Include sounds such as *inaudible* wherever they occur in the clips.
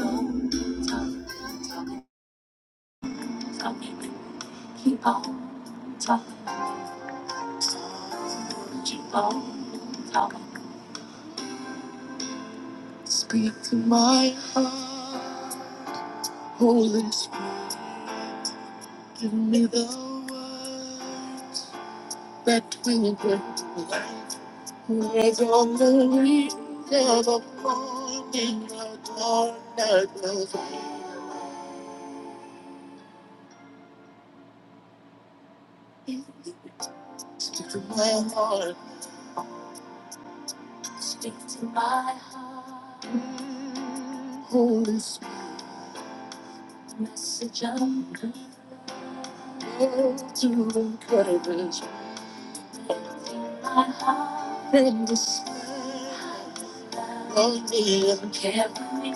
on talking, talking, talking. Keep on talking, keep on talking. Speak to my heart. Holy Spirit, give me the words that will bring life. words on the reach of a morning, a dawn that goes Speak to my heart. Speak to my heart. Holy Spirit, message of love to encourage My heart in despair. Hold me and carry me.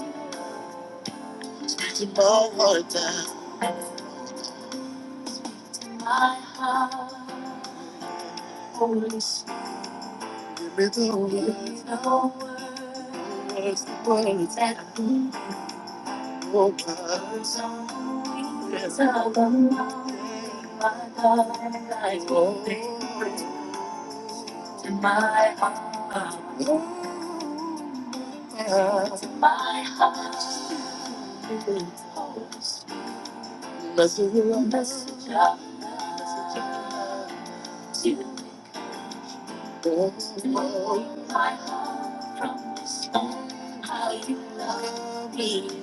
To power down. My heart, Holy Spirit. Give me the words. Give me the words. The words that I need Oh God. Words on the wings of the morning. My God, I will be to my heart. To my heart. Message of love. Message of To Oh. My heart from this how you love me.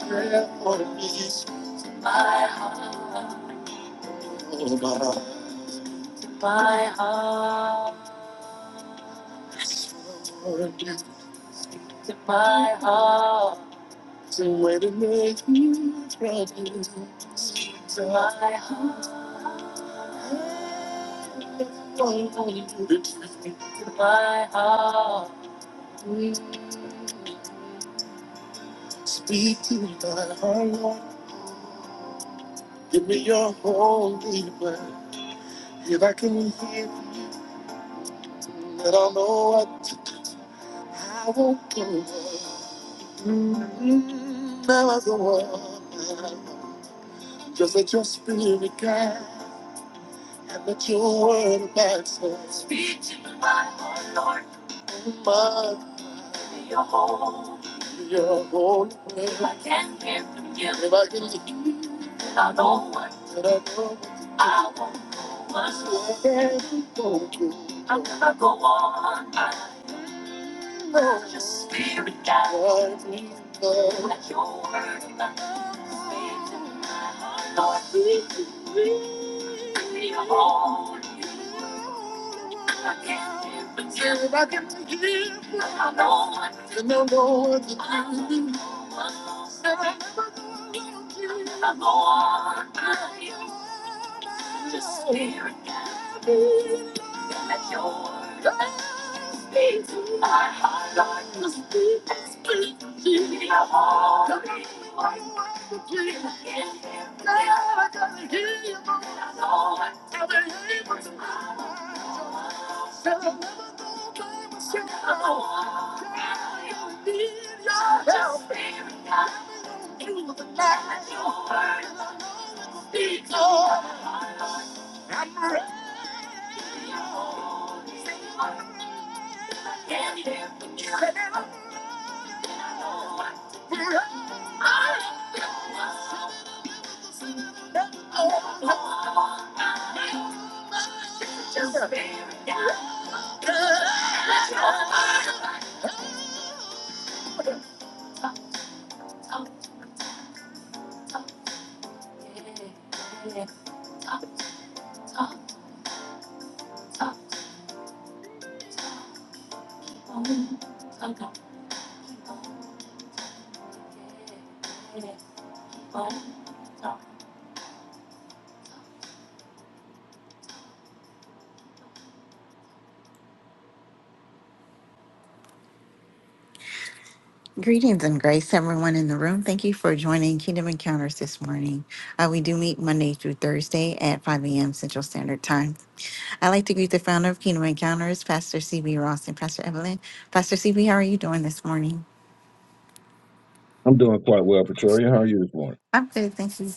care for me. My heart. Oh, my heart. To my heart. To where to make you proud. So I heart, my heart, speak to my heart, Lord. Give me your holy word. If I can hear, you, then I'll know what I won't go. wrong. Mm, Now I go on. Just let your spirit guide. and let your word advance us. Speak to my heart, Lord. And mine. Be Your holy, your holy prayer. If I can hear from you, if I can hear, then I know what, I know what to do. I won't go on. So let I'm going go on. I know your spirit guide. Lord, please, Lord. Let your word advance. Speak to my heart, Lord. If I can not give, then I never know what to do. I'm the Just spirit guide me. Let your love speak to my heart. Like the speak And speak to me. I want to be one with you. I can't go on. I to never Greetings and grace, everyone in the room. Thank you for joining Kingdom Encounters this morning. Uh, we do meet Monday through Thursday at 5 a.m. Central Standard Time. I'd like to greet the founder of Kingdom Encounters, Pastor CB Ross and Pastor Evelyn. Pastor CB, how are you doing this morning? I'm good, thank you.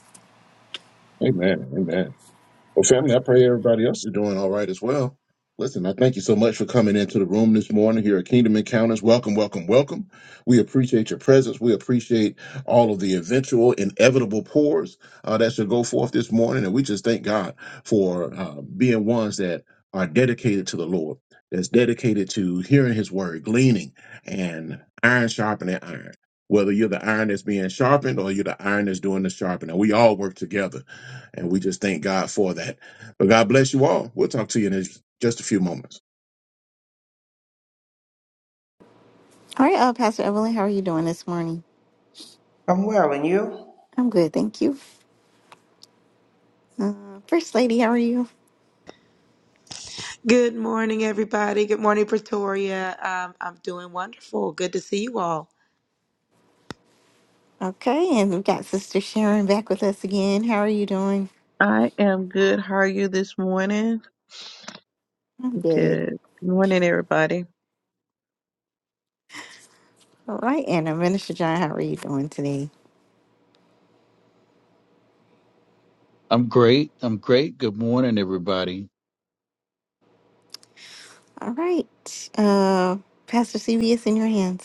All right, uh, Pastor Evelyn, how are you doing this morning? I'm well, and you? I'm good, thank you. Uh, First Lady, how are you? Good morning, everybody. Good morning, Pretoria. Um, I'm doing wonderful. Good to see you all. Okay, and we've got Sister Sharon back with us again. How are you doing? I am good. How are you this morning? I'm good. Good morning, everybody. All right, and uh, Minister John, how are you doing today? I'm great. I'm great. Good morning, everybody. All right, uh, Pastor CB, it's in your hands.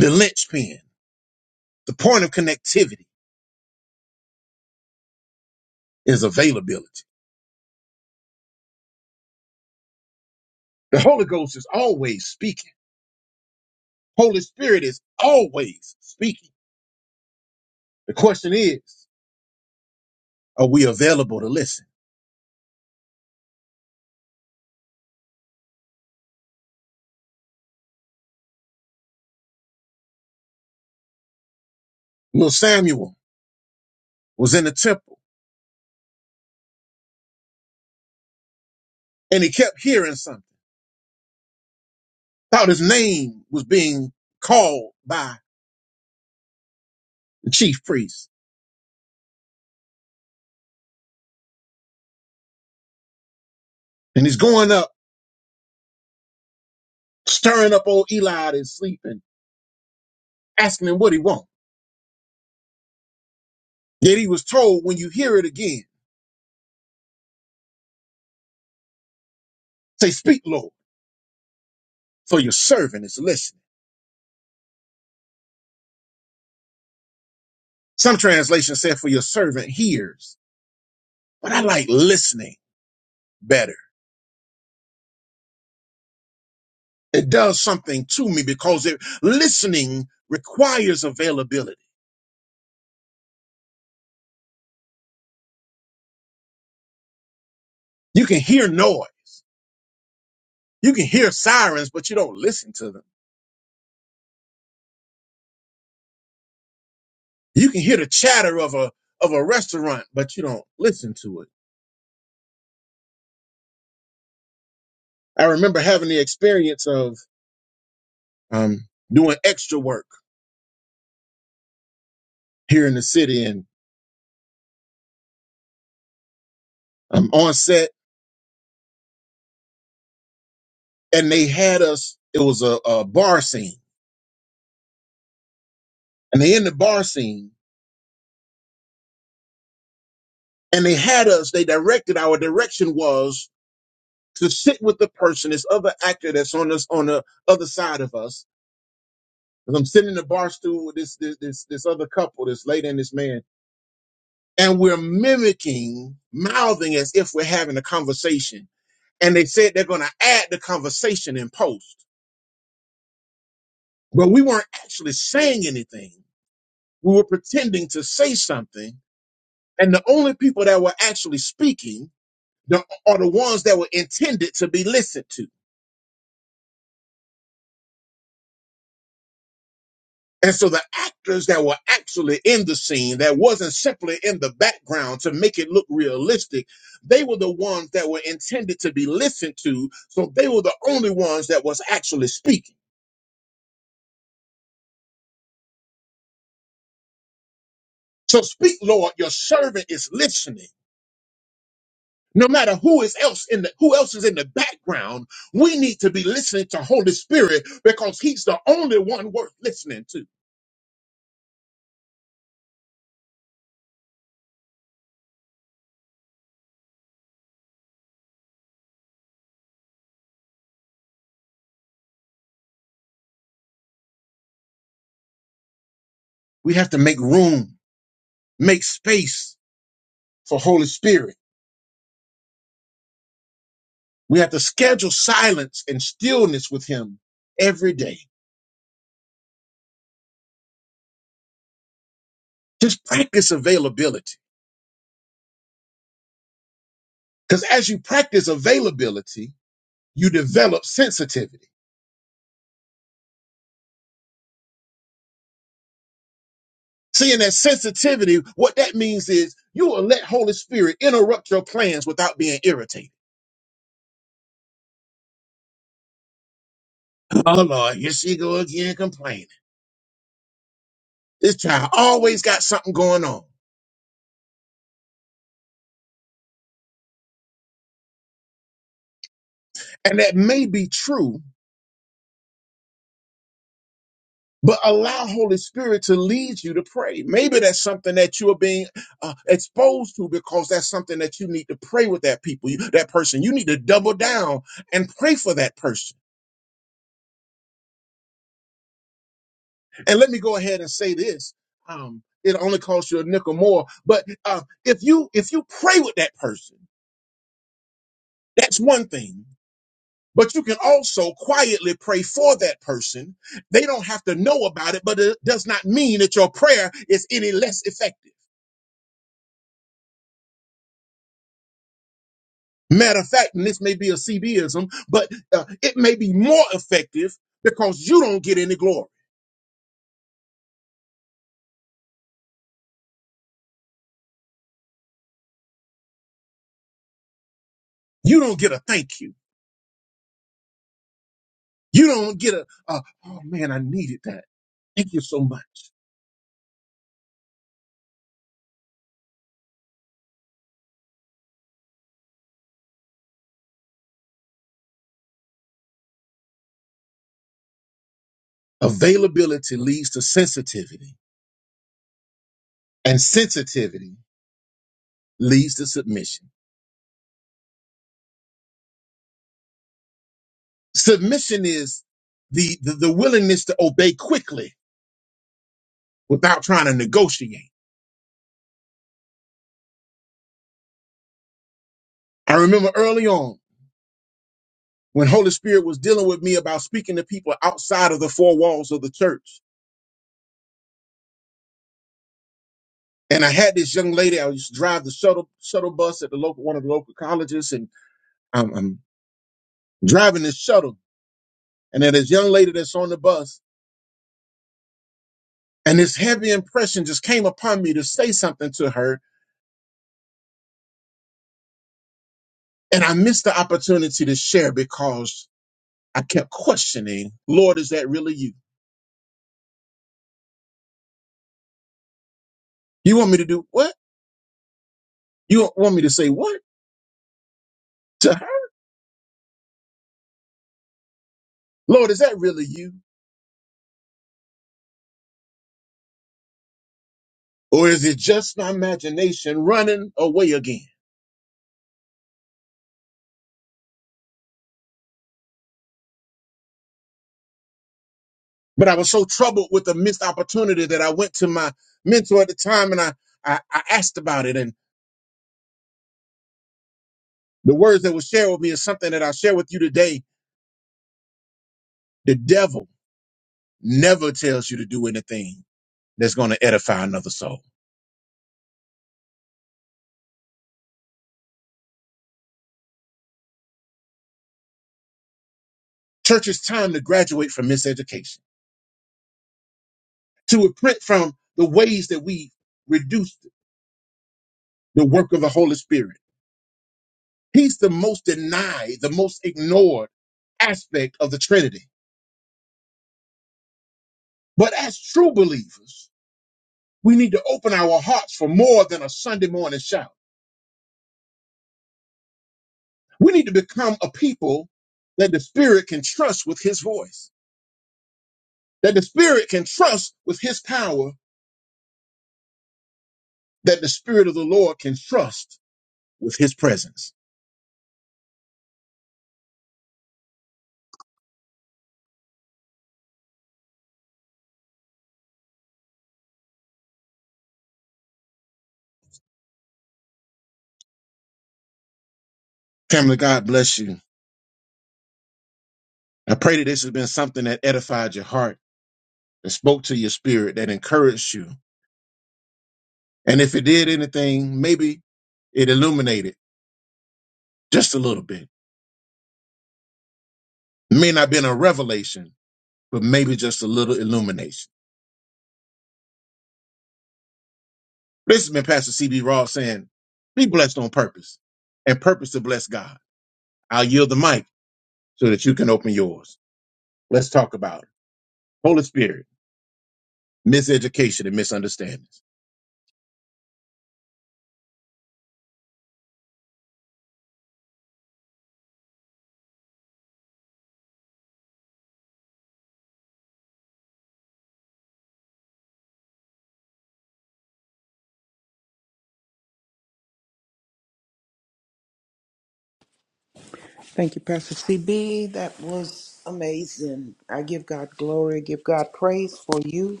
Thank you, Pastor CB. That was amazing. I give God glory, I give God praise for you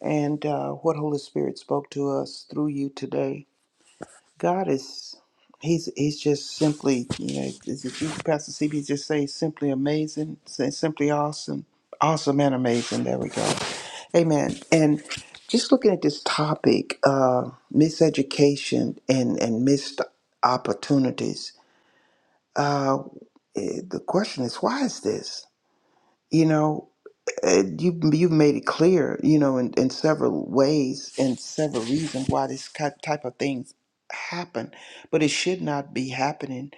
and uh, what Holy Spirit spoke to us through you today. God is, he's he's just simply, you know, as if you, Pastor CB just say simply amazing, say simply awesome, awesome and amazing. There we go. Amen. And just looking at this topic, uh, miseducation and, and missed opportunities uh, eh, the question is, why is this? You know, eh, you you've made it clear, you know, in, in several ways and several reasons why this ki- type of things happen, but it should not be happening.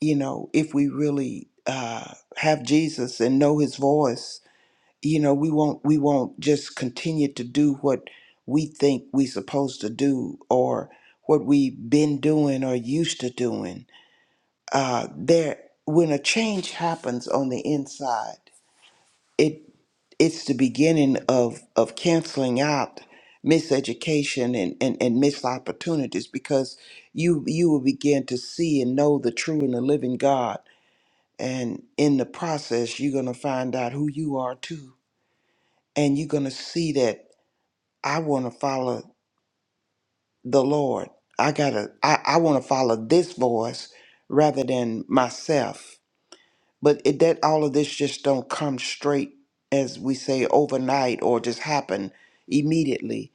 You know, if we really uh, have Jesus and know His voice, you know, we won't we won't just continue to do what we think we're supposed to do or what we've been doing or used to doing uh, there when a change happens on the inside, it it's the beginning of of canceling out miseducation and, and, and missed opportunities because you you will begin to see and know the true and the living God. And in the process you're gonna find out who you are too. And you're gonna see that I wanna follow the Lord. I gotta I, I wanna follow this voice rather than myself but it, that all of this just don't come straight as we say overnight or just happen immediately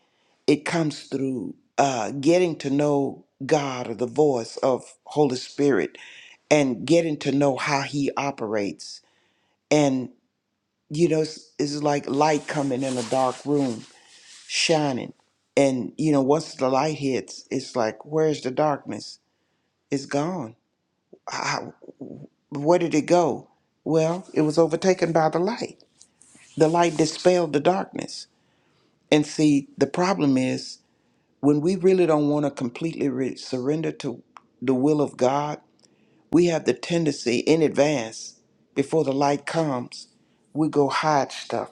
it comes through uh, getting to know god or the voice of holy spirit and getting to know how he operates and you know it's, it's like light coming in a dark room shining and you know once the light hits it's like where's the darkness it's gone How, where did it go well it was overtaken by the light The light dispelled the darkness. And see, the problem is when we really don't want to completely re- surrender to the will of God, we have the tendency in advance, before the light comes, we go hide stuff.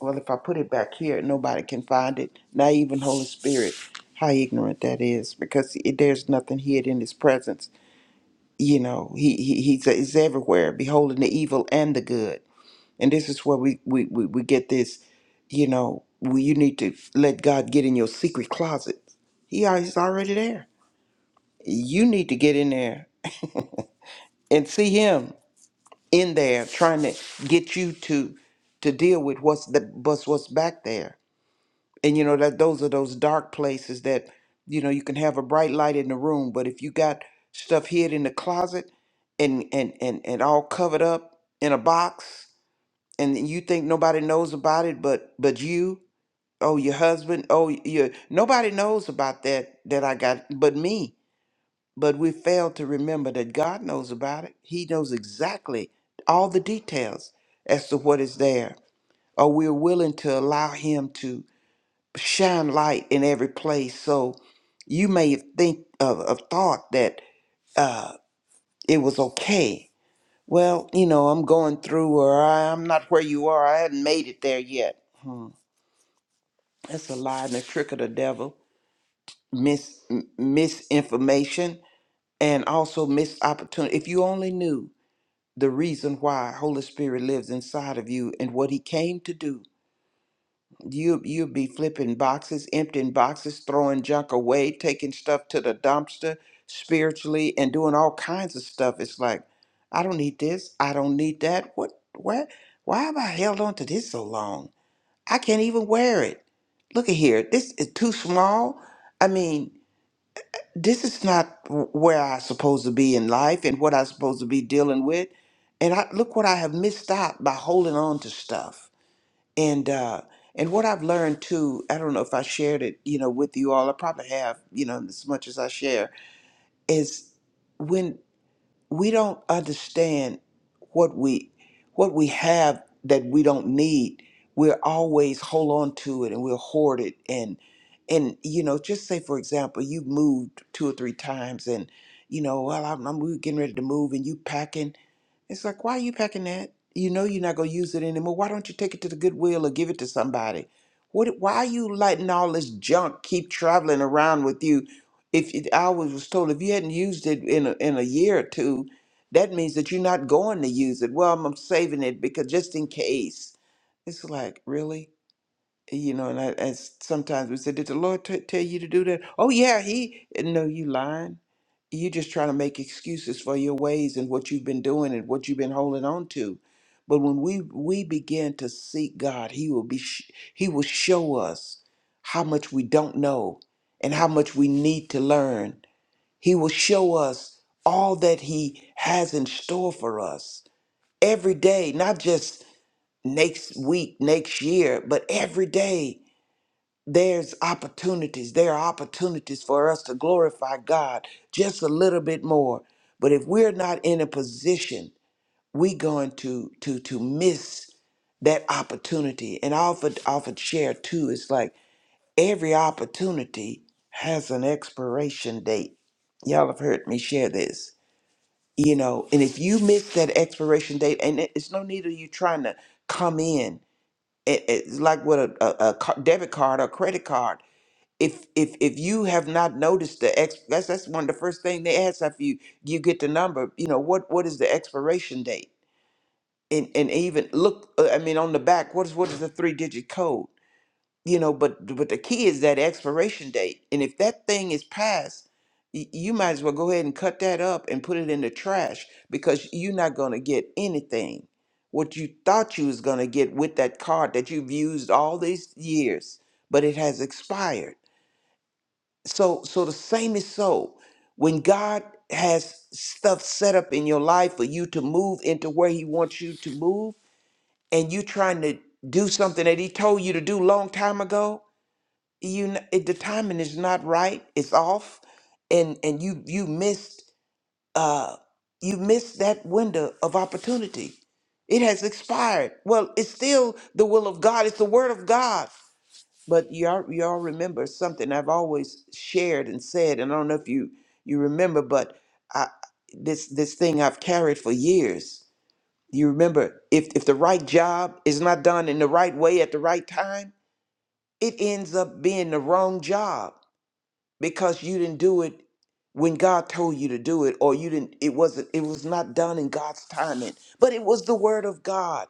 Well, if I put it back here, nobody can find it, not even Holy Spirit. How ignorant that is, because i- there's nothing hid in His presence. You know, He, he he's, he's everywhere, beholding the evil and the good. And this is where we we we, we get this, you know, we, you need to let God get in your secret closet. He al- he's already there. You need to get in there and see him in there trying to get you to to deal with what's the what's what's back there. And you know that those are those dark places that you know you can have a bright light in the room, but if you got stuff hid in the closet and and and, and all covered up in a box and you think nobody knows about it but but you oh your husband oh your nobody knows about that that i got but me but we fail to remember that god knows about it he knows exactly all the details as to what is there or we're willing to allow him to shine light in every place so you may think of a thought that uh, it was okay well you know i'm going through or i'm not where you are i hadn't made it there yet hmm. that's a lie and a trick of the devil mis m- misinformation and also missed opportunity. If you only knew the reason why Holy Spirit lives inside of you and what He came to do, you you'd be flipping boxes, emptying boxes, throwing junk away, taking stuff to the dumpster spiritually, and doing all kinds of stuff. It's like I don't need this. I don't need that. What? What? Why have I held on to this so long? I can't even wear it. Look at here. This is too small. I mean this is not w- where I'm supposed to be in life and what I'm supposed to be dealing with. And I look what I have missed out by holding on to stuff. And uh and what I've learned too, I don't know if I shared it, you know, with you all. I probably have, you know, as much as I share, is when we don't understand what we what we have that we don't need we're always hold on to it and we'll hoard it and and you know just say for example you've moved two or three times and you know well i'm, I'm we we're getting ready to move and you packing it's like, why are you packing that? You know you're not going to use it anymore. Why don't you take it to the Goodwill or give it to somebody? What? Why are you letting all this junk keep traveling around with you? If it, I was was told if you hadn't used it in a, in a year or two, that means that you're not going to use it. Well, I'm saving it because just in case. It's like, really? you know, and I, as sometimes we say, did the Lord t- tell you to do that? Oh yeah, He. No, you lying. You're just trying to make excuses for your ways and what you've been doing and what you've been holding on to. But when we we begin to seek God, He will be sh- He will show us how much we don't know and how much we need to learn. He will show us all that He has in store for us every day, not just next week, next year, but every day there's opportunities. There are opportunities for us to glorify God just a little bit more. But if we're not in a position, we going to to to miss that opportunity. And I offered offered share too. It's like every opportunity has an expiration date. Y'all have heard me share this. You know, and if you miss that expiration date, and it- it's no need of you trying to come in. It, it's like with a, a, a ca- debit card or credit card if if if you have not noticed the ex that's that's one of the first thing they ask after you you get the number you know what what is the expiration date and and even look uh, i mean on the back what is what is the three digit code you know but but the key is that expiration date and if that thing is passed y- you might as well go ahead and cut that up and put it in the trash because you're not going to get anything what you thought you was going to get with that card that you've used all these years but it has expired so so the same is so. When God has stuff set up in your life for you to move into where he wants you to move and you trying to do something that he told you to do long time ago, you kn- it, the timing is not right. It's off and and you you missed uh you missed that window of opportunity. It has expired. Well, it's still the will of God. It's the word of God. But y'all, y'all remember something I've always shared and said, and I don't know if you you remember, but I, this this thing I've carried for years. You remember, if if the right job is not done in the right way at the right time, it ends up being the wrong job because you didn't do it when God told you to do it or you didn't it wasn't it was not done in God's timing but it was the word of God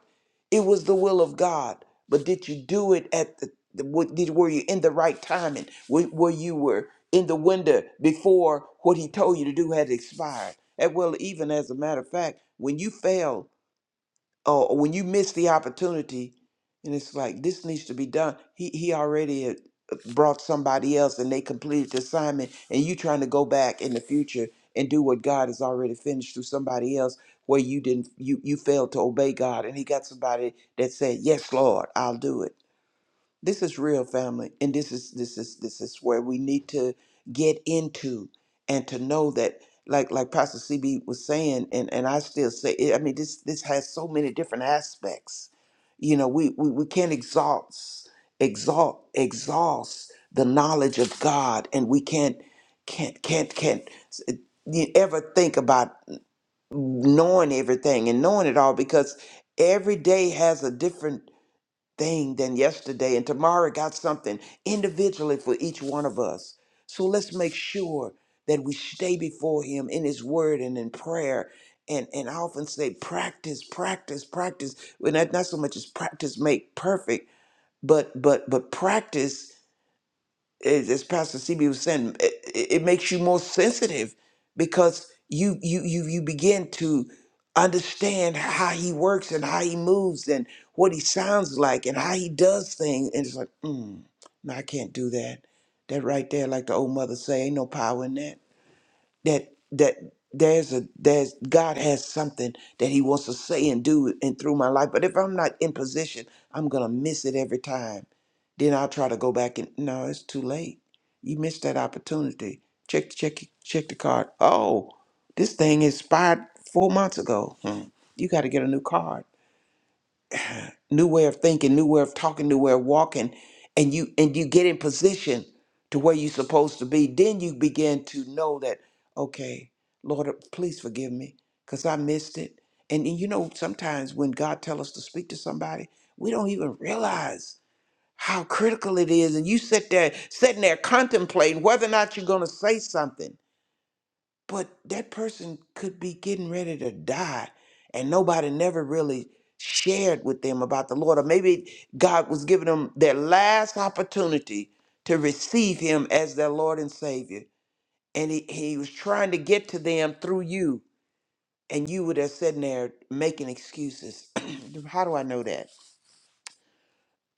it was the will of God but did you do it at the the- what- did were you in the right timing were, were you were in the window before what he told you to do had expired and well even as a matter of fact when you fail Oh, when you miss the opportunity and it's like this needs to be done he he already had uh, brought somebody else and they completed the assignment and you trying to go back in the future and do what god has already finished through somebody else where you didn't you you failed to obey god and he got somebody that said yes lord i'll do it this is real family and this is this is this is where we need to get into and to know that like like pastor cb was saying and and i still say it, i mean this this has so many different aspects you know we we, we can't exhaust exalt exhaust the knowledge of god and we can't can't can't can't s- you ever think about knowing everything and knowing it all because every day has a different thing than yesterday. And tomorrow got something individually for each one of us. So let's make sure that we stay before Him in His Word and in prayer. And, and I often say, practice, practice, practice. Well, not, not so much as practice make perfect, but but but practice as, as Pastor CB was saying, it, it it makes you more sensitive because you you you you begin to understand how he works and how he moves and what he sounds like and how he does things. And it's like, mm, no, I can't do that. That right there, like the old mother say, ain't no power in that that that there's a there's God has something that He wants to say and do and through my life. But if I'm not in position, I'm gonna miss it every time. Then I'll try to go back and no, it's too late. You missed that opportunity. Check check check the card. Oh, this thing expired four months ago. Hmm. You got to get a new card new way of thinking, new way of talking, new way of walking, and you and you get in position to where you're supposed to be, then you begin to know that, okay, Lord, please forgive me because I missed it. And, and you know, sometimes when God tells us to speak to somebody, we don't even realize how critical it is. And you sit there, sitting there contemplating whether or not you're going to say something but that person could be getting ready to die and nobody never really shared with them about the lord or maybe god was giving them their last opportunity to receive him as their lord and savior and he, he was trying to get to them through you and you were there sitting there making excuses *clears throat* how do i know that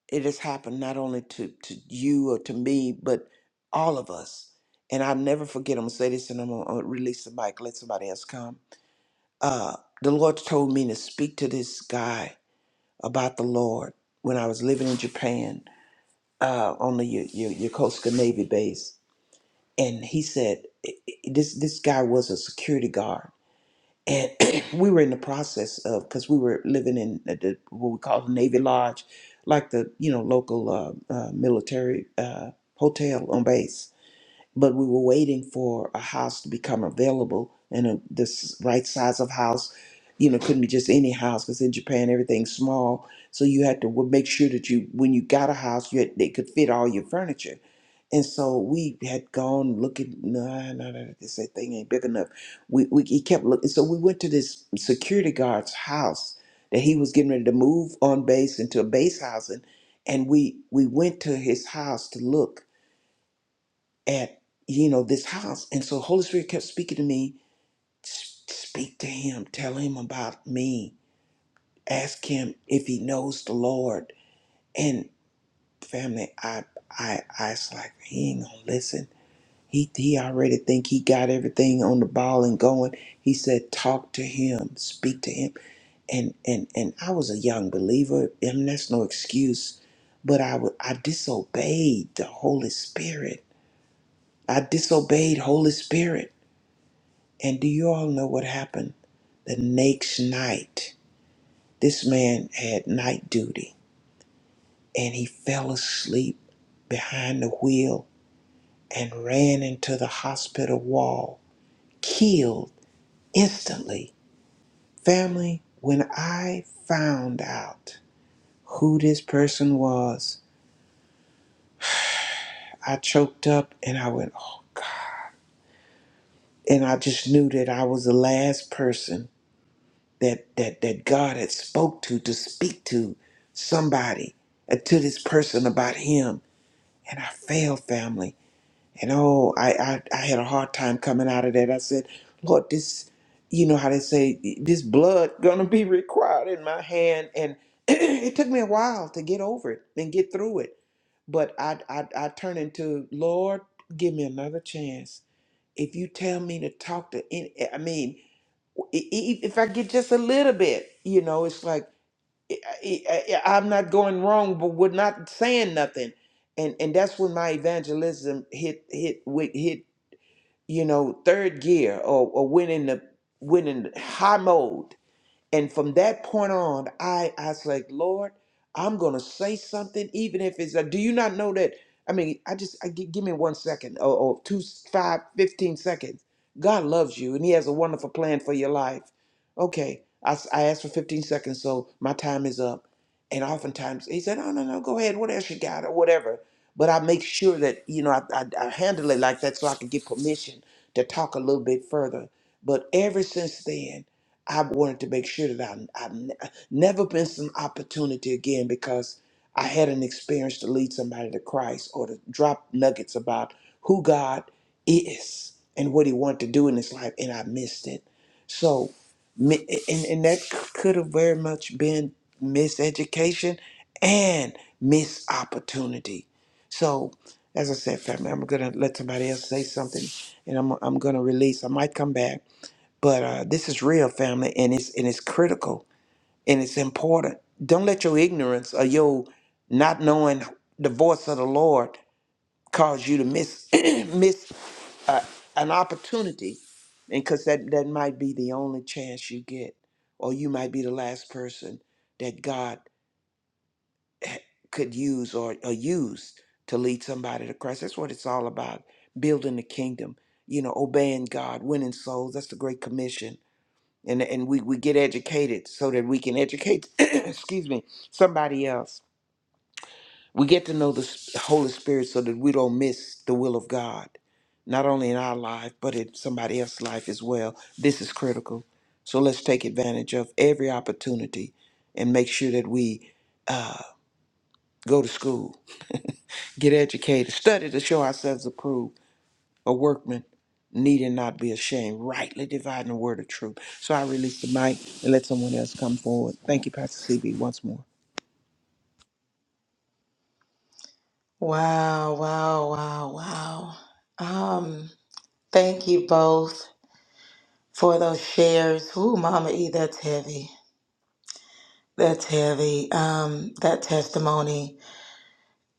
it has happened not only to, to you or to me but all of us and i'll never forget i'm gonna say this and i'm gonna I'm gonna release the mic let somebody else come uh, the Lord told me to speak to this guy about the Lord when I was living in Japan uh, on the Y- Y- Yokosuka Navy base, and he said i- i- this this guy was a security guard, and *clears throat* we were in the process of because we were living in the, the- what we call the Navy Lodge, like the you know local uh, uh, military uh, hotel on base, but we were waiting for a house to become available and a, this right size of house you know couldn't be just any house because in japan everything's small so you had to w- make sure that you when you got a house you had, they could fit all your furniture and so we had gone looking no no no this that thing ain't big enough we, we he kept looking so we went to this security guard's house that he was getting ready to move on base into a base housing and we we went to his house to look at you know this house and so holy spirit kept speaking to me "S- speak to him tell him about me ask him if he knows the lord and family i i i was like he ain't gonna listen he he already think he got everything on the ball and going he said talk to him speak to him and and and i was a young believer and that's no excuse but i would i disobeyed the holy spirit i disobeyed holy spirit And do you all know what happened? The next night, this man had night duty and he fell asleep behind the wheel and ran into the hospital wall, killed instantly. Family, when I found out who this person was, I choked up and I went, oh, God. And I just knew that I was the last person that that that God had spoke to to speak to somebody uh, to this person about him and I failed family and oh I, I I had a hard time coming out of that I said Lord this you know how they say this blood gonna be required in my hand and *clears throat* it took me a while to get over it and get through it but I I, I turned into Lord give me another chance if you tell me to talk to any I mean i- i- if I get just a little bit, you know, it's like I, I, I- I'm not going wrong, but we're not saying nothing, and and that's when my evangelism hit hit wi- hit you know third gear or, or went in the went in high mode and from that point on, I, I was like, Lord, I'm going to say something, even if it's, a, do you not know that? I mean, I just, I, gi- give me one second or, or two, five, fifteen seconds. God loves you and he has a wonderful plan for your life. Okay. I, s- I asked for 15 seconds, so my time is up. And oftentimes he said, no, no, no, go ahead. What else you got or whatever. But I make sure that, you know, I, I, I handle it like that so I can get permission to talk a little bit further. But ever since then, I wanted to make sure that I, i ne- uh, never missed an opportunity again because I had an experience to lead somebody to Christ or to drop nuggets about who God is and what He wanted to do in His life, and I missed it. So, mi- and, and that c- could have very much been miseducation and missed opportunity. So, as I said, family, I'm gonna let somebody else say something, and I'm I'm gonna release. I might come back. But uh, this is real, family, and it's and it's critical and it's important. Don't let your ignorance or your not knowing the voice of the Lord cause you to miss *clears throat* miss uh, an opportunity, and because that that might be the only chance you get, or you might be the last person that God could use or, or use to lead somebody to Christ. That's what it's all about: building the kingdom. You know, obeying God, winning souls. That's the Great Commission and and we, we get educated so that we can educate *clears throat* excuse me somebody else we get to know the S- holy spirit so that we don't miss the will of god not only in our life but in somebody else's life as well this is critical so let's take advantage of every opportunity and make sure that we uh, go to school *laughs* get educated study to show ourselves approved a workman needed not be ashamed, rightly dividing the word of truth. So I release the mic and let someone else come forward. Thank you, Pastor CB, once more. Wow, wow, wow, wow. Um, thank you both for those shares. Ooh, Mama E, that's heavy. That's heavy. Um, that testimony.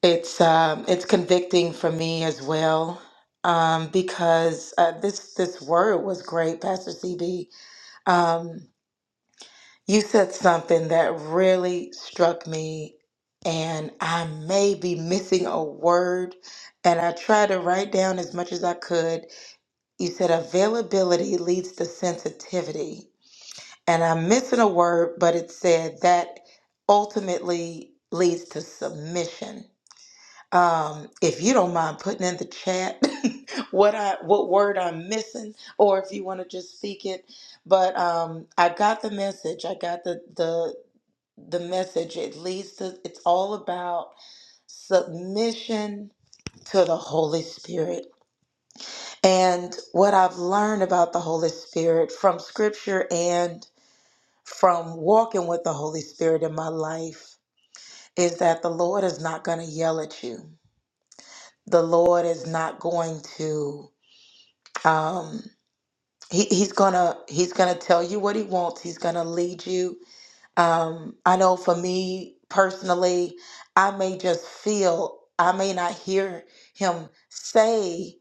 It's um, it's convicting for me as well. Um, because uh, this this word was great, Pastor CB. You said something that really struck me, and I may be missing a word, and I tried to write down as much as I could. You said availability leads to sensitivity, and I'm missing a word, but it said that ultimately leads to submission. Um, if you don't mind putting in the chat *laughs* what I what word I'm missing, or if you want to just speak it, but um, I got the message. I got the the the message it leads to it's all about submission to the holy spirit and what i've learned about the holy spirit from scripture and from walking with the holy spirit in my life is that the lord is not going to yell at you the lord is not going to um he, he's gonna he's gonna tell you what he wants he's gonna lead you Um, I know for me personally, I may just feel, I may not hear him say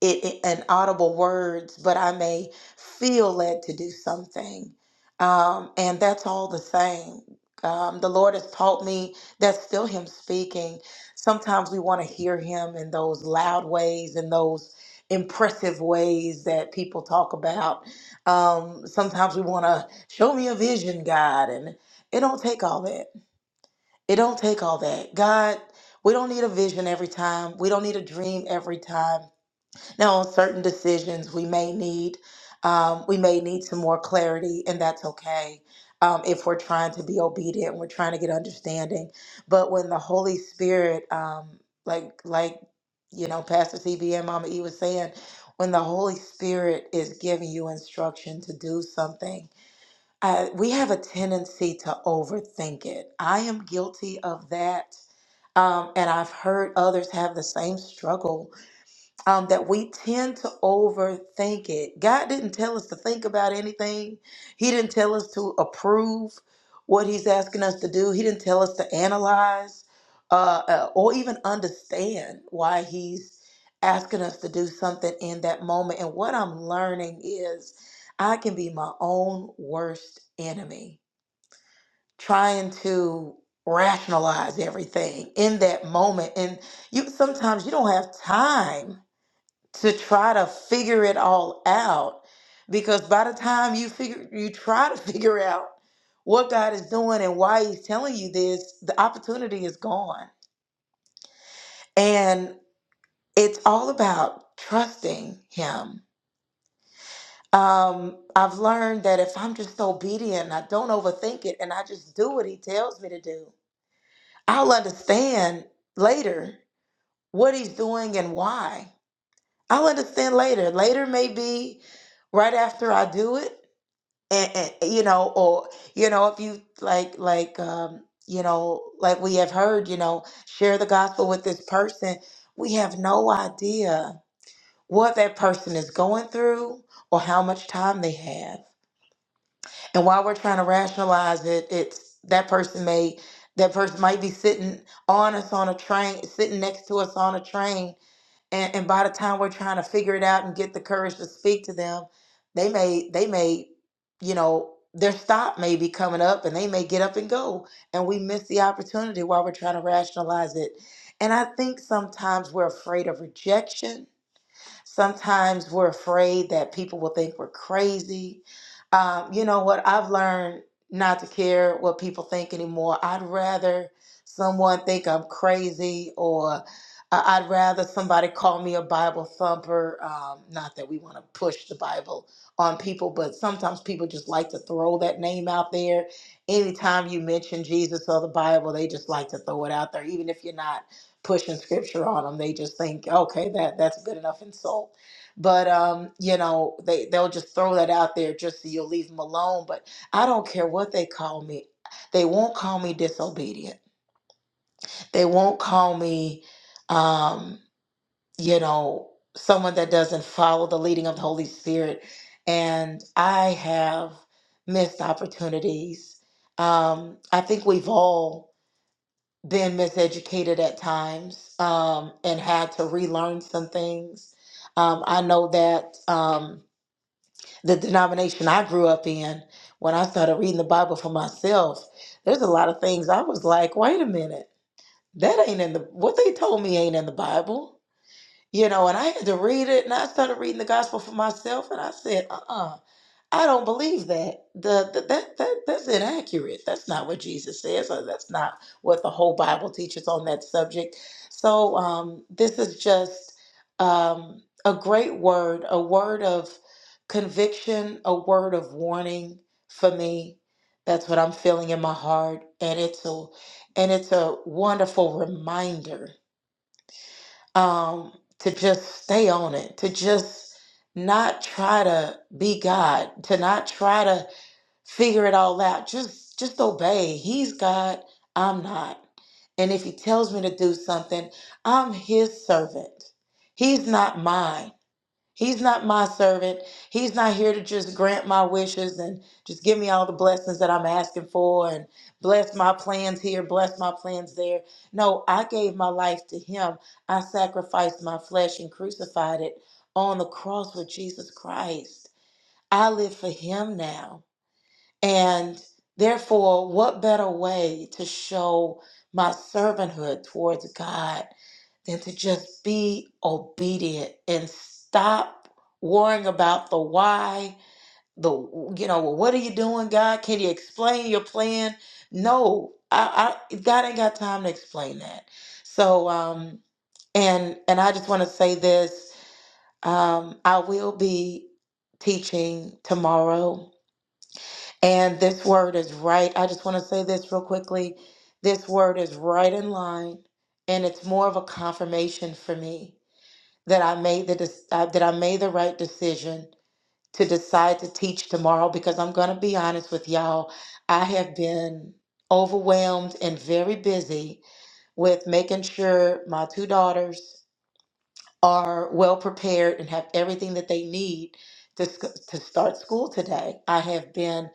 it, it- an audible words, but I may feel led to do something. Um, and that's all the same. Um, the Lord has taught me that's still Him speaking. Sometimes we want to hear Him in those loud ways in those impressive ways that people talk about. Um, sometimes we want to show me a vision, God, and it don't take all that. It don't take all that. God, we don't need a vision every time. We don't need a dream every time now, on certain decisions, we may need um, we may need some more clarity, and that's okay. Um, if we're trying to be obedient, and we're trying to get understanding. But when the Holy Spirit, um, like like you know, Pastor CB and Mama E was saying, when the Holy Spirit is giving you instruction to do something, uh, we have a tendency to overthink it. I am guilty of that, um, and I've heard others have the same struggle um, that we tend to overthink it. God didn't tell us to think about anything, He didn't tell us to approve what He's asking us to do, He didn't tell us to analyze uh, uh, or even understand why He's asking us to do something in that moment. And what I'm learning is I can be my own worst enemy, trying to rationalize everything in that moment and you sometimes you don't have time to try to figure it all out because by the time you figure you try to *laughs* figure out what God is doing and why he's telling you this the opportunity is gone and it's all about trusting him um I've learned that if I'm just obedient and I don't overthink it and I just do what he tells me to do I'll understand later what he's doing and why I'll understand later later may be right after I do it and, and you know or you know if you like like um you know like we have heard you know share the gospel with this person we have no idea what that person is going through or how much time they have and while we're trying to rationalize it it's that person may that person might be sitting on us on a train sitting next to us on a train and, and by the time we're trying to figure it out and get the courage to speak to them they may they may you know their stop may be coming up and they may get up and go and we miss the opportunity while we're trying to rationalize it and i think sometimes we're afraid of rejection Sometimes we're afraid that people will think we're crazy. Um, you know what? I've learned not to care what people think anymore. I'd rather someone think I'm crazy or I- I'd rather somebody call me a Bible thumper. Um, not that we want to push the Bible on people, but sometimes people just like to throw that name out there. Anytime you mention Jesus or the Bible, they just like to throw it out there, even if you're not pushing scripture on them. They just think, okay, that that's good enough insult. But um, you know, they they'll just throw that out there just so you'll leave them alone. But I don't care what they call me. They won't call me disobedient. They won't call me, um, you know, someone that doesn't follow the leading of the Holy Spirit. And I have missed opportunities. Um, I think we've all been miseducated at times um, and had to relearn some things. Um, I know that um, the denomination I grew up in, when I started reading the Bible for myself, there's a lot of things I was like, wait a minute, that ain't in the, what they told me ain't in the Bible. You know, and I had to read it and I started reading the gospel for myself and I said, uh-uh, I don't believe that. The, the that that that's inaccurate. That's not what Jesus says. Or that's not what the whole Bible teaches on that subject. So um this is just um a great word, a word of conviction, a word of warning for me. That's what I'm feeling in my heart. And it's a and it's a wonderful reminder um, to just stay on it, to just not try to be God, to not try to figure it all out. Just just obey. He's God, I'm not. And if he tells me to do something, I'm his servant. He's not mine. He's not my servant. He's not here to just grant my wishes and just give me all the blessings that I'm asking for and bless my plans here, bless my plans there. No, I gave my life to him. I sacrificed my flesh and crucified it on the cross with Jesus Christ. I live for him now. And therefore, what better way to show my servanthood towards God than to just be obedient and stop worrying about the why the you know well, what are you doing god can you explain your plan no i, I god ain't got time to explain that so um and and i just want to say this um i will be teaching tomorrow and this word is right i just want to say this real quickly this word is right in line and it's more of a confirmation for me that I made the dec- uh, that I made the right decision to decide to teach tomorrow because I'm going to be honest with y'all. I have been overwhelmed and very busy with making sure my two daughters are well prepared and have everything that they need to sc- to start school today. I have been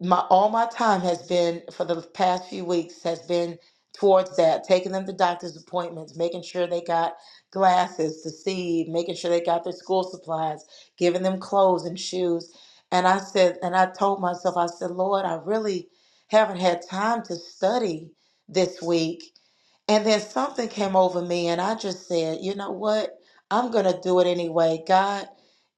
my all my time has been for the past few weeks has been towards that taking them to doctor's appointments making sure they got glasses to see making sure they got their school supplies giving them clothes and shoes and i said and i told myself i said lord i really haven't had time to study this week and then something came over me, and I just said, you know what? I'm going to do it anyway. God,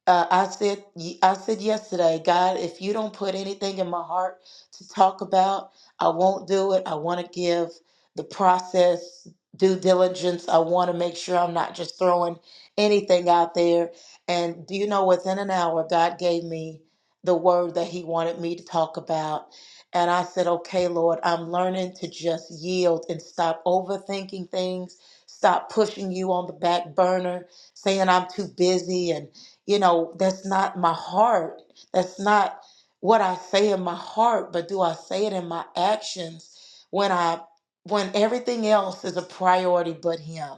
uh, I said, I said yesterday, God, if you don't put anything in my heart to talk about, I won't do it. I want to give the process due diligence. I want to make sure I'm not just throwing anything out there. And do you know, within an hour, God gave me the word that He wanted me to talk about. And I said, okay, Lord, I'm learning to just yield and stop overthinking things, stop pushing you on the back burner, saying I'm too busy. And, you know, that's not my heart. That's not what I say in my heart, but do I say it in my actions when I when everything else is a priority but him?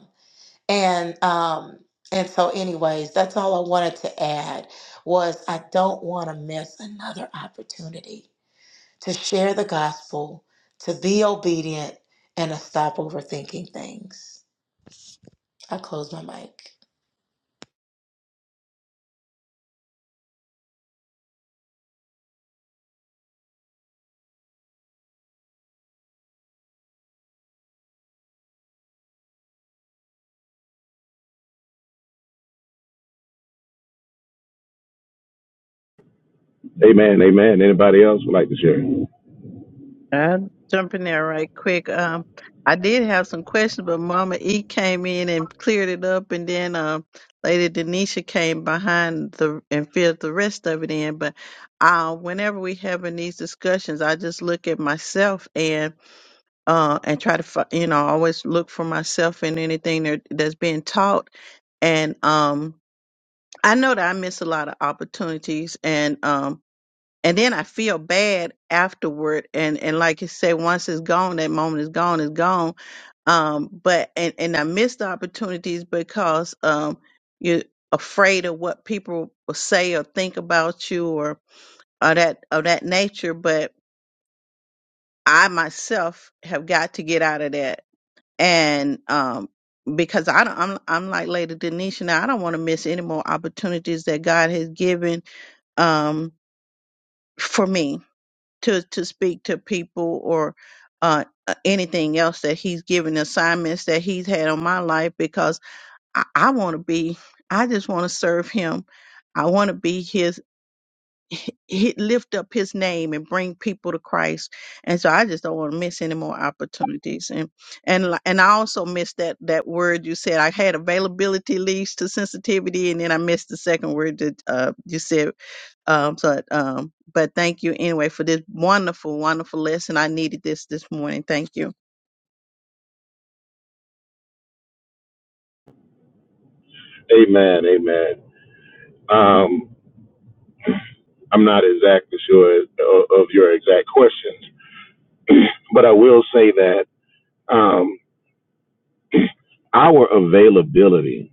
And um and so anyways, that's all I wanted to add was I don't want to miss another opportunity to share the gospel, to be obedient, and to stop overthinking things. I close my mic. Amen. Amen. Anybody else would like to share? I'm jumping there right quick. Um, I did have some questions, but Mama E came in and cleared it up, and then um, Lady Denisha came behind the and filled the rest of it in. But uh, whenever we having these discussions, I just look at myself and uh and try to fi- you know always look for myself in anything that, that's being taught, and um I know that I miss a lot of opportunities and um and then I feel bad afterward and and like you say once it's gone that moment is gone is gone um but and and I miss the opportunities because um you're afraid of what people will say or think about you or or that of that nature but I myself have got to get out of that and um because I don't I'm I'm like Lady Denisha now I don't want to miss any more opportunities that God has given um, for me to to speak to people or uh, uh, anything else that he's given assignments that he's had on my life because I, I want to be I just want to serve him. I want to be his he, he- lift up his name and bring people to Christ. And so I just don't want to miss any more opportunities. And and li- and I also missed that that word you said. I had availability leads to sensitivity, and then I missed the second word that uh, you said um, so, um, but thank you anyway for this wonderful, wonderful lesson. I needed this this morning. Thank you. Amen. Amen. Um, I'm not exactly sure of, of your exact questions, *clears throat* but I will say that um, our availability,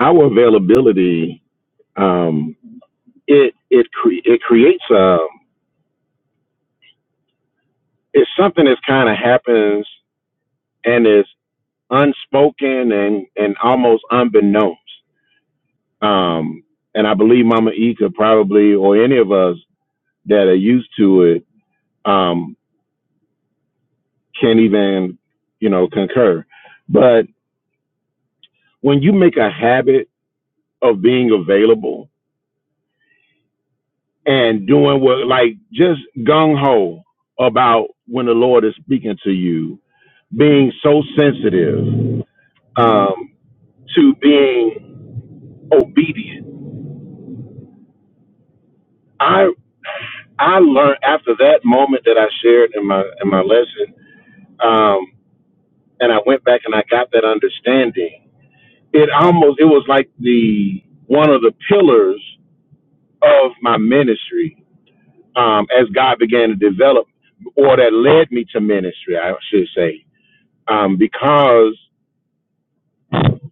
our availability, um, it it cre- it creates a it's something that kind of happens and is unspoken and and almost unbeknownst. Um, and I believe Mama E could probably, or any of us that are used to it, um, can't even, you know, concur. But when you make a habit of being available and doing what, like, just gung ho about when the Lord is speaking to you, being so sensitive um, to being obedient. I I learned after that moment that I shared in my in my lesson, um, and I went back and I got that understanding. It almost it was like the one of the pillars of my ministry um, as God began to develop, or that led me to ministry, I should say, um, because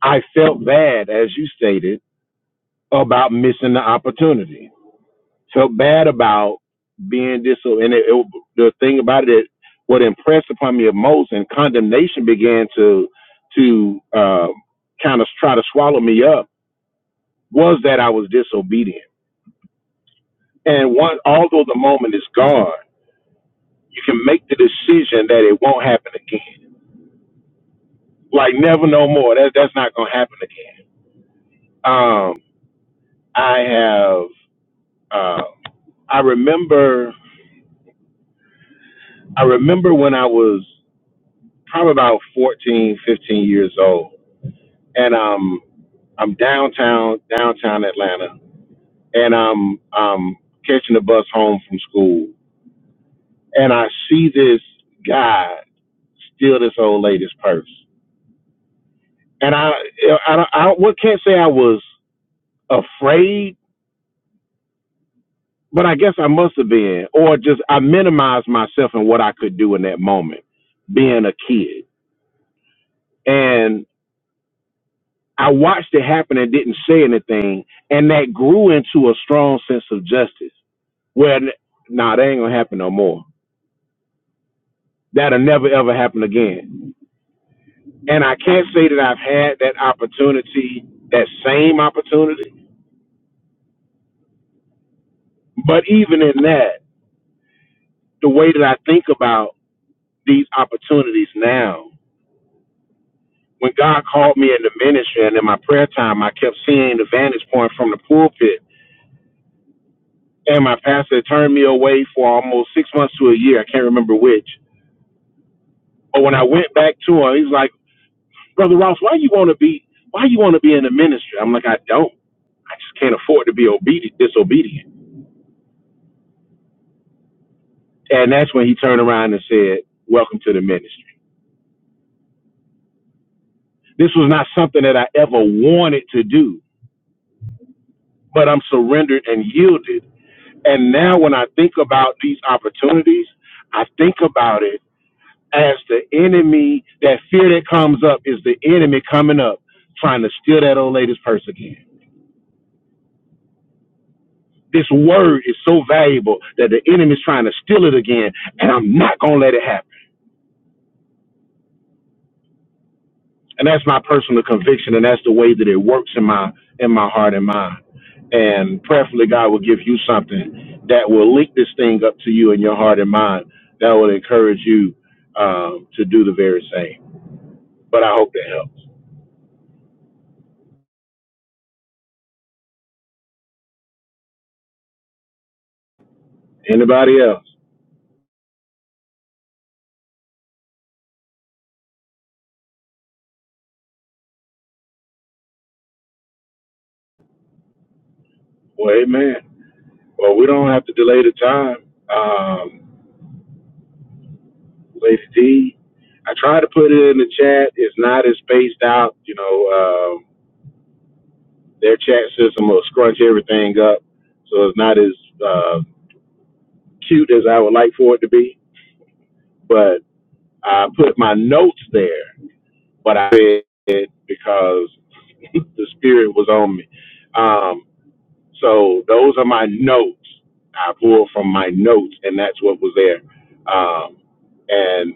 I felt bad, as you stated, about missing the opportunity. Felt bad about being disobedient. And it, it, the thing about it, what impressed upon me most, and condemnation began to to uh, kind of try to swallow me up, was that I was disobedient. And one, although the moment is gone you can make the decision that it won't happen again. Like never no more. That that's not gonna happen again. Um, I have. Uh, I remember. I remember when I was probably about 14, 15 years old, and um, I'm downtown, downtown Atlanta, and I'm um catching the bus home from school, and I see this guy steal this old lady's purse, and I, I, I, I what can't say I was afraid but I guess I must have been, or just I minimized myself and what I could do in that moment, being a kid. And I watched it happen and didn't say anything, and that grew into a strong sense of justice. Where, n- nah, that ain't gonna happen no more. That'll never ever happen again. And I can't say that I've had that opportunity, that same opportunity. But even in that, the way that I think about these opportunities now when God called me in the ministry and in my prayer time, I kept seeing the vantage point from the pulpit. And my pastor turned me away for almost six months to a year. I can't remember which. But when I went back to him, he's like, Brother Ross, why you want to be, why you want to be in the ministry? I'm like, I don't. I just can't afford to be obedient, disobedient. And that's when he turned around and said, welcome to the ministry. This was not something that I ever wanted to do, but I'm surrendered and yielded And now when I think about these opportunities, I think about it as the enemy, that fear that comes up is the enemy coming up trying to steal that old lady's purse again. This word is so valuable that the enemy's trying to steal it again, and I'm not gonna let it happen. And that's my personal conviction, and that's the way that it works in my in my heart and mind. And prayerfully, God will give you something that will link this thing up to you in your heart and mind. That will encourage you um, to do the very same. But I hope that helps. Anybody else? Well, amen. Well, we don't have to delay the time. Um, Lady D, I tried to put it in the chat. It's not as spaced out. You know, um, their chat system will scrunch everything up, so it's not as uh, cute as I would like for it to be. But I put my notes there, but I read it because *laughs* the spirit was on me. Um, So those are my notes. I pulled from my notes, and that's what was there. Um, and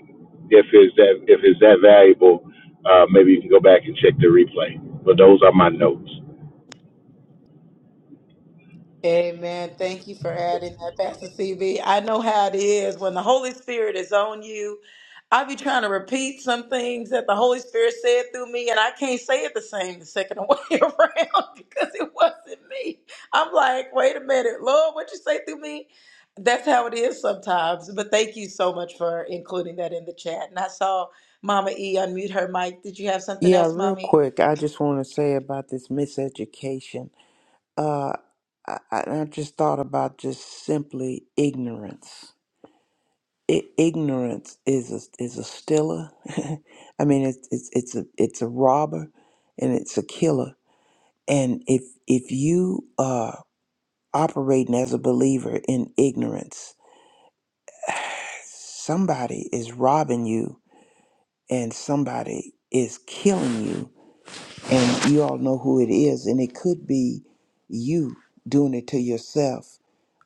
if it's that if it's that valuable, uh, maybe you can go back and check the replay. But those are my notes. Amen. Thank you for adding that, Pastor CB. I know how it is when the Holy Spirit is on you. I be trying to repeat some things that the Holy Spirit said through me, and I can't say it the same the second *laughs* way around because it wasn't me. I'm like, wait a minute, Lord, what you say through me? That's how it is sometimes. But thank you so much for including that in the chat. And I saw Mama E unmute her mic. Did you have something Yeah, else, real Mommy? quick, I just want to say about this miseducation. Uh, I, I I just thought about just simply ignorance. I, ignorance is a is a stiller. *laughs* I mean, it's it's it's a it's a robber, and it's a killer. And if if you are operating as a believer in ignorance, somebody is robbing you and somebody is killing you and you all know who it is and it could be you doing it to yourself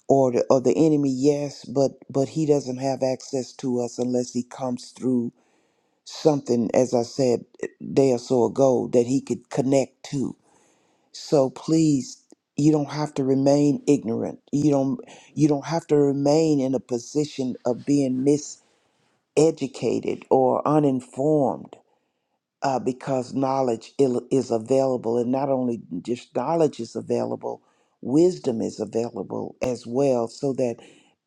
or the, or the enemy yes but but he doesn't have access to us unless he comes through something as i said a day or so ago that he could connect to so please you don't have to remain ignorant you don't you don't have to remain in a position of being educated or uninformed uh, because knowledge il- is available. And not only just knowledge is available, wisdom is available as well. So that,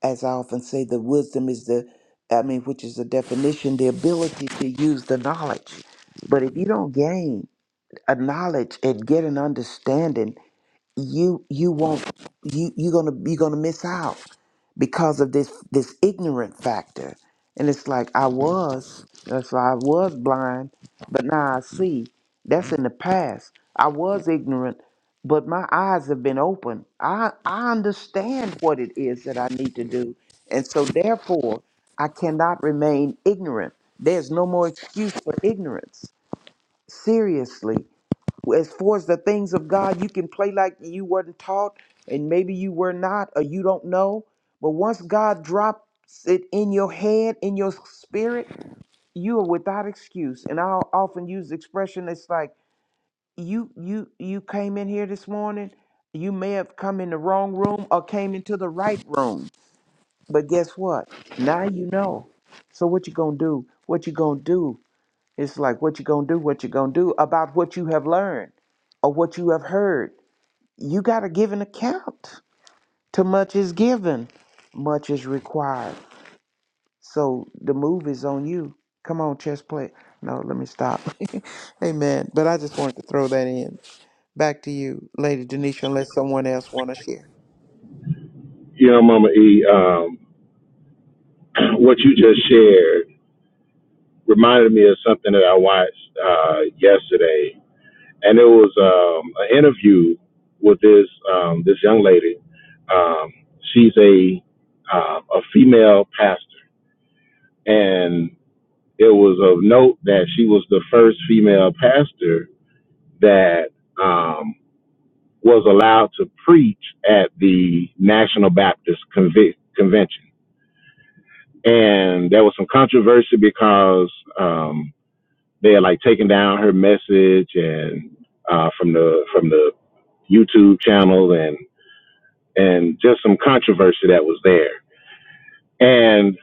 as I often say, the wisdom is the, I mean, which is the definition, the ability to use the knowledge. But if you don't gain a knowledge and get an understanding, you you won't you you're gonna you're gonna miss out because of this this ignorant factor and it's like i was that's why i was blind but now i see that's in the past i was ignorant but my eyes have been open i i understand what it is that i need to do and so therefore i cannot remain ignorant there's no more excuse for ignorance seriously as far as the things of God, you can play like you weren't taught, and maybe you were not, or you don't know. But once God drops it in your head, in your spirit, you are without excuse. And I'll often use the expression, it's like you you you came in here this morning, you may have come in the wrong room or came into the right room. But guess what? Now you know. So what you gonna do? What you gonna do? It's like what you gonna do, what you gonna do about what you have learned or what you have heard. You gotta give an account. Too much is given, much is required. So the move is on you. Come on, chess play. No, let me stop. *laughs* Amen. But I just wanted to throw that in. Back to you, Lady Denisha, unless someone else wanna share. You know, Mama E, um, *clears throat* what you just shared reminded me of something that I watched uh, yesterday, and it was um, an interview with this um, this young lady. Um, she's a um, a female pastor, and It was of note that she was the first female pastor that um, was allowed to preach at the National Baptist Convi- Convention. And there was some controversy because um, they had like taken down her message and uh, from the from the YouTube channel and and just some controversy that was there. And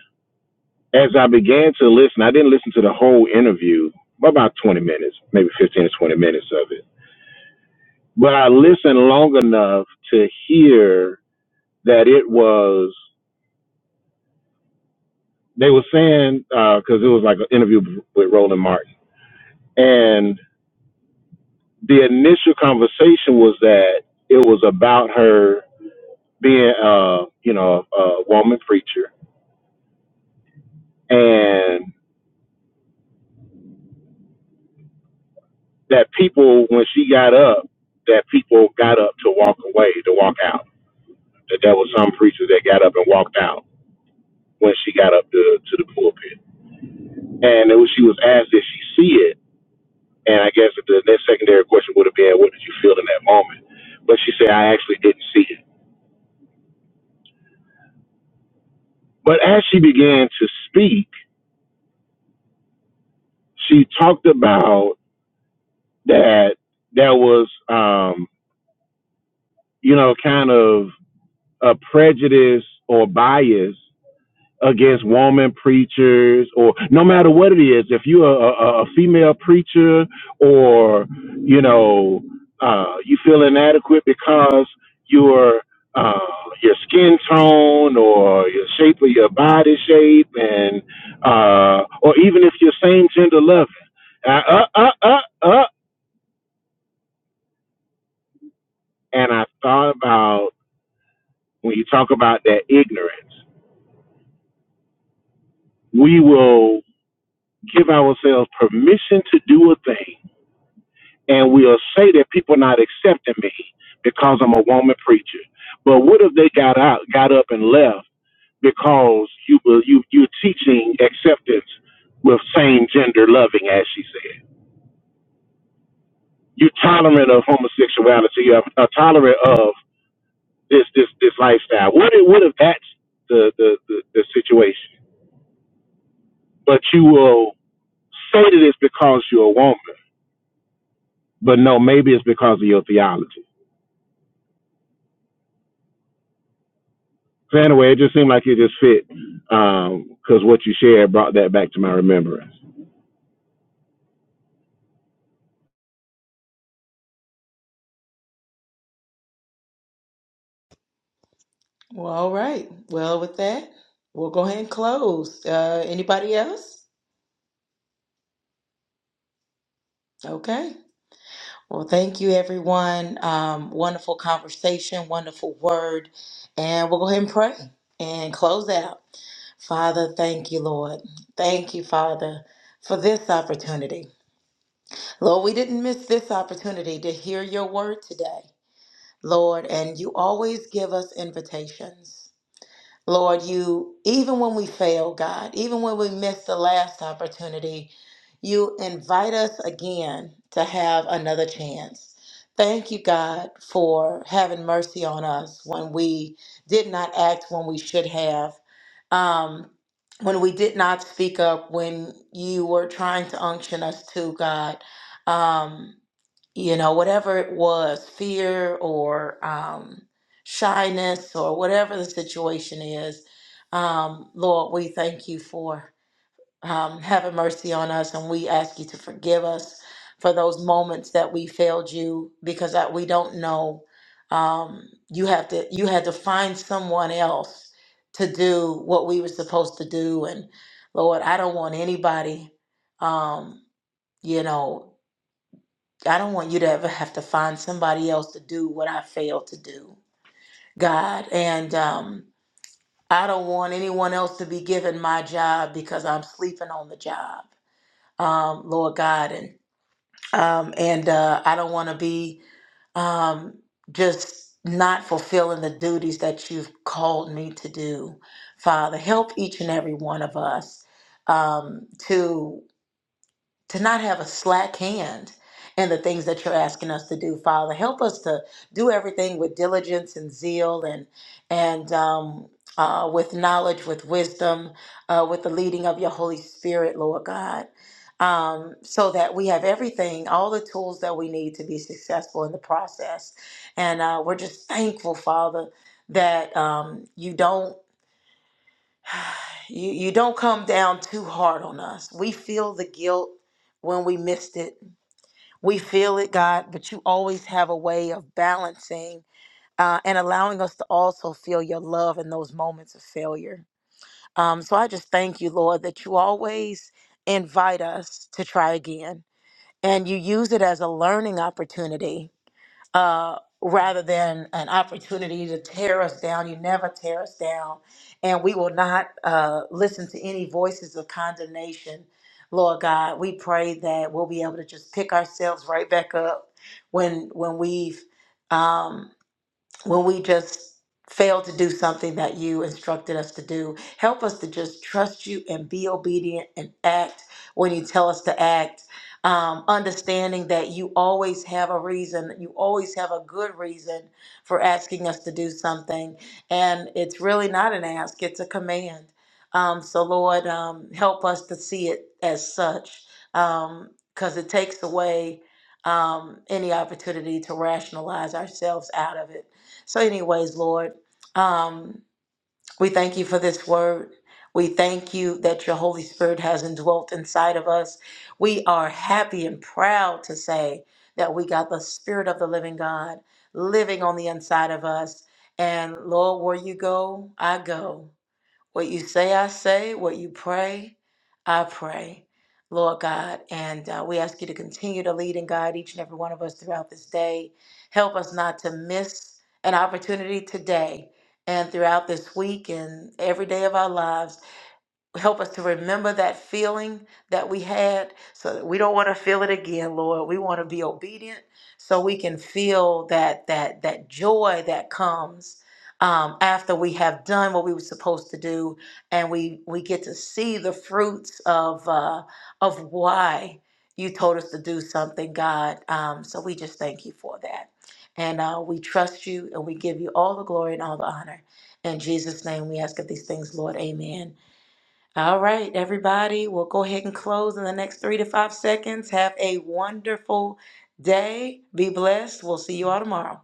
as I began to listen, I didn't listen to the whole interview, about 20 minutes, maybe 15 to 20 minutes of it but I listened long enough to hear that it was they were saying because uh, it was like an interview with Roland Martin, and the initial conversation was that it was about her being uh you know a woman preacher, and that people when she got up, that people got up to walk away to walk out. That there was some preachers that got up and walked out when she got up to to the pulpit, and it was, she was asked if she see it And I guess the next secondary question would have been, what did you feel in that moment? But she said, I actually didn't see it. But as she began to speak, she talked about that there was, um, you know, kind of a prejudice or bias against woman preachers or no matter what it is if you're a, a, female preacher or you know uh, you feel inadequate because your uh, your skin tone or your shape of your body shape and uh, or even if you're same gender loving uh, uh, uh, uh, uh, and I thought about when you talk about that ignorance we will give ourselves permission to do a thing and will say that people not accepting me because I'm a woman preacher. But what if they got out, got up and left because you were- you you're teaching acceptance with same gender loving, as she said. You're tolerant of homosexuality. You're uh, tolerant of this this this lifestyle. What if, what if that's the, the the the situation? But you will say that it's because you're a woman, but no, maybe it's because of your theology. Fanaway, it just seemed like it just fit because um, what you shared brought that back to my remembrance. Well, all right. Well, with that, we'll go ahead and close. Uh, anybody else? Okay. Well, thank you, everyone. Um, wonderful conversation, wonderful word. And we'll go ahead and pray and close out. Father, thank you, Lord. Thank you, Father, for this opportunity. Lord, we didn't miss this opportunity to hear your word today, Lord, and you always give us invitations. Lord, you, even when we fail, God, even when we miss the last opportunity, you invite us again to have another chance. Thank you, God, for having mercy on us when we did not act when we should have, um, when we did not speak up, when you were trying to unction us to, God. Um, you know, whatever it was, fear or um, shyness or whatever the situation is, um, Lord, we thank you for um, having mercy on us and we ask you to forgive us for those moments that we failed you because that we don't know. Um, you have to you had to find someone else to do what we were supposed to do and Lord, I don't want anybody um, you know I don't want you to ever have to find somebody else to do what I failed to do, God. And um, I don't want anyone else to be given my job because I'm sleeping on the job, um, Lord God. And um, and uh, I don't want to be um, just not fulfilling the duties that you've called me to do, Father. Help each and every one of us um, to. to not have a slack hand in the things that you're asking us to do father help us to do everything with diligence and zeal and and um, uh, with knowledge with wisdom uh, with the leading of your holy spirit lord god um, so that we have everything all the tools that we need to be successful in the process and uh, we're just thankful father that um, you don't you, you don't come down too hard on us we feel the guilt when we missed it we feel it, God, but you always have a way of balancing uh, and allowing us to also feel your love in those moments of failure. Um, so I just thank you, Lord, that you always invite us to try again and you use it as a learning opportunity uh, rather than an opportunity to tear us down. You never tear us down. And we will not uh, listen to any voices of condemnation. Lord God, we pray that we'll be able to just pick ourselves right back up when when we've um, when we just fail to do something that you instructed us to do. Help us to just trust you and be obedient and act when you tell us to act. Um, understanding that you always have a reason, you always have a good reason for asking us to do something. And it's really not an ask, it's a command. Um, so, Lord, um, help us to see it as such because it takes away um, any opportunity to rationalize ourselves out of it. So, anyways, Lord, um, we thank you for this word. We thank you that your Holy Spirit has indwelt inside of us. We are happy and proud to say that we got the Spirit of the living God living on the inside of us. And Lord, where you go, I go. What you say, I say. What you pray, I pray. Lord God, and uh, we ask you to continue to lead and guide each and every one of us throughout this day. Help us not to miss an opportunity today and throughout this week and every day of our lives help us to remember that feeling that we had so that we don't want to feel it again lord we want to be obedient so we can feel that that that joy that comes um, after we have done what we were supposed to do and we we get to see the fruits of uh, of why you told us to do something god um, so we just thank you for that and uh, we trust you and we give you all the glory and all the honor in jesus name we ask of these things lord amen all right, everybody, we'll go ahead and close in the next three to five seconds. Have a wonderful day. Be blessed. We'll see you all tomorrow.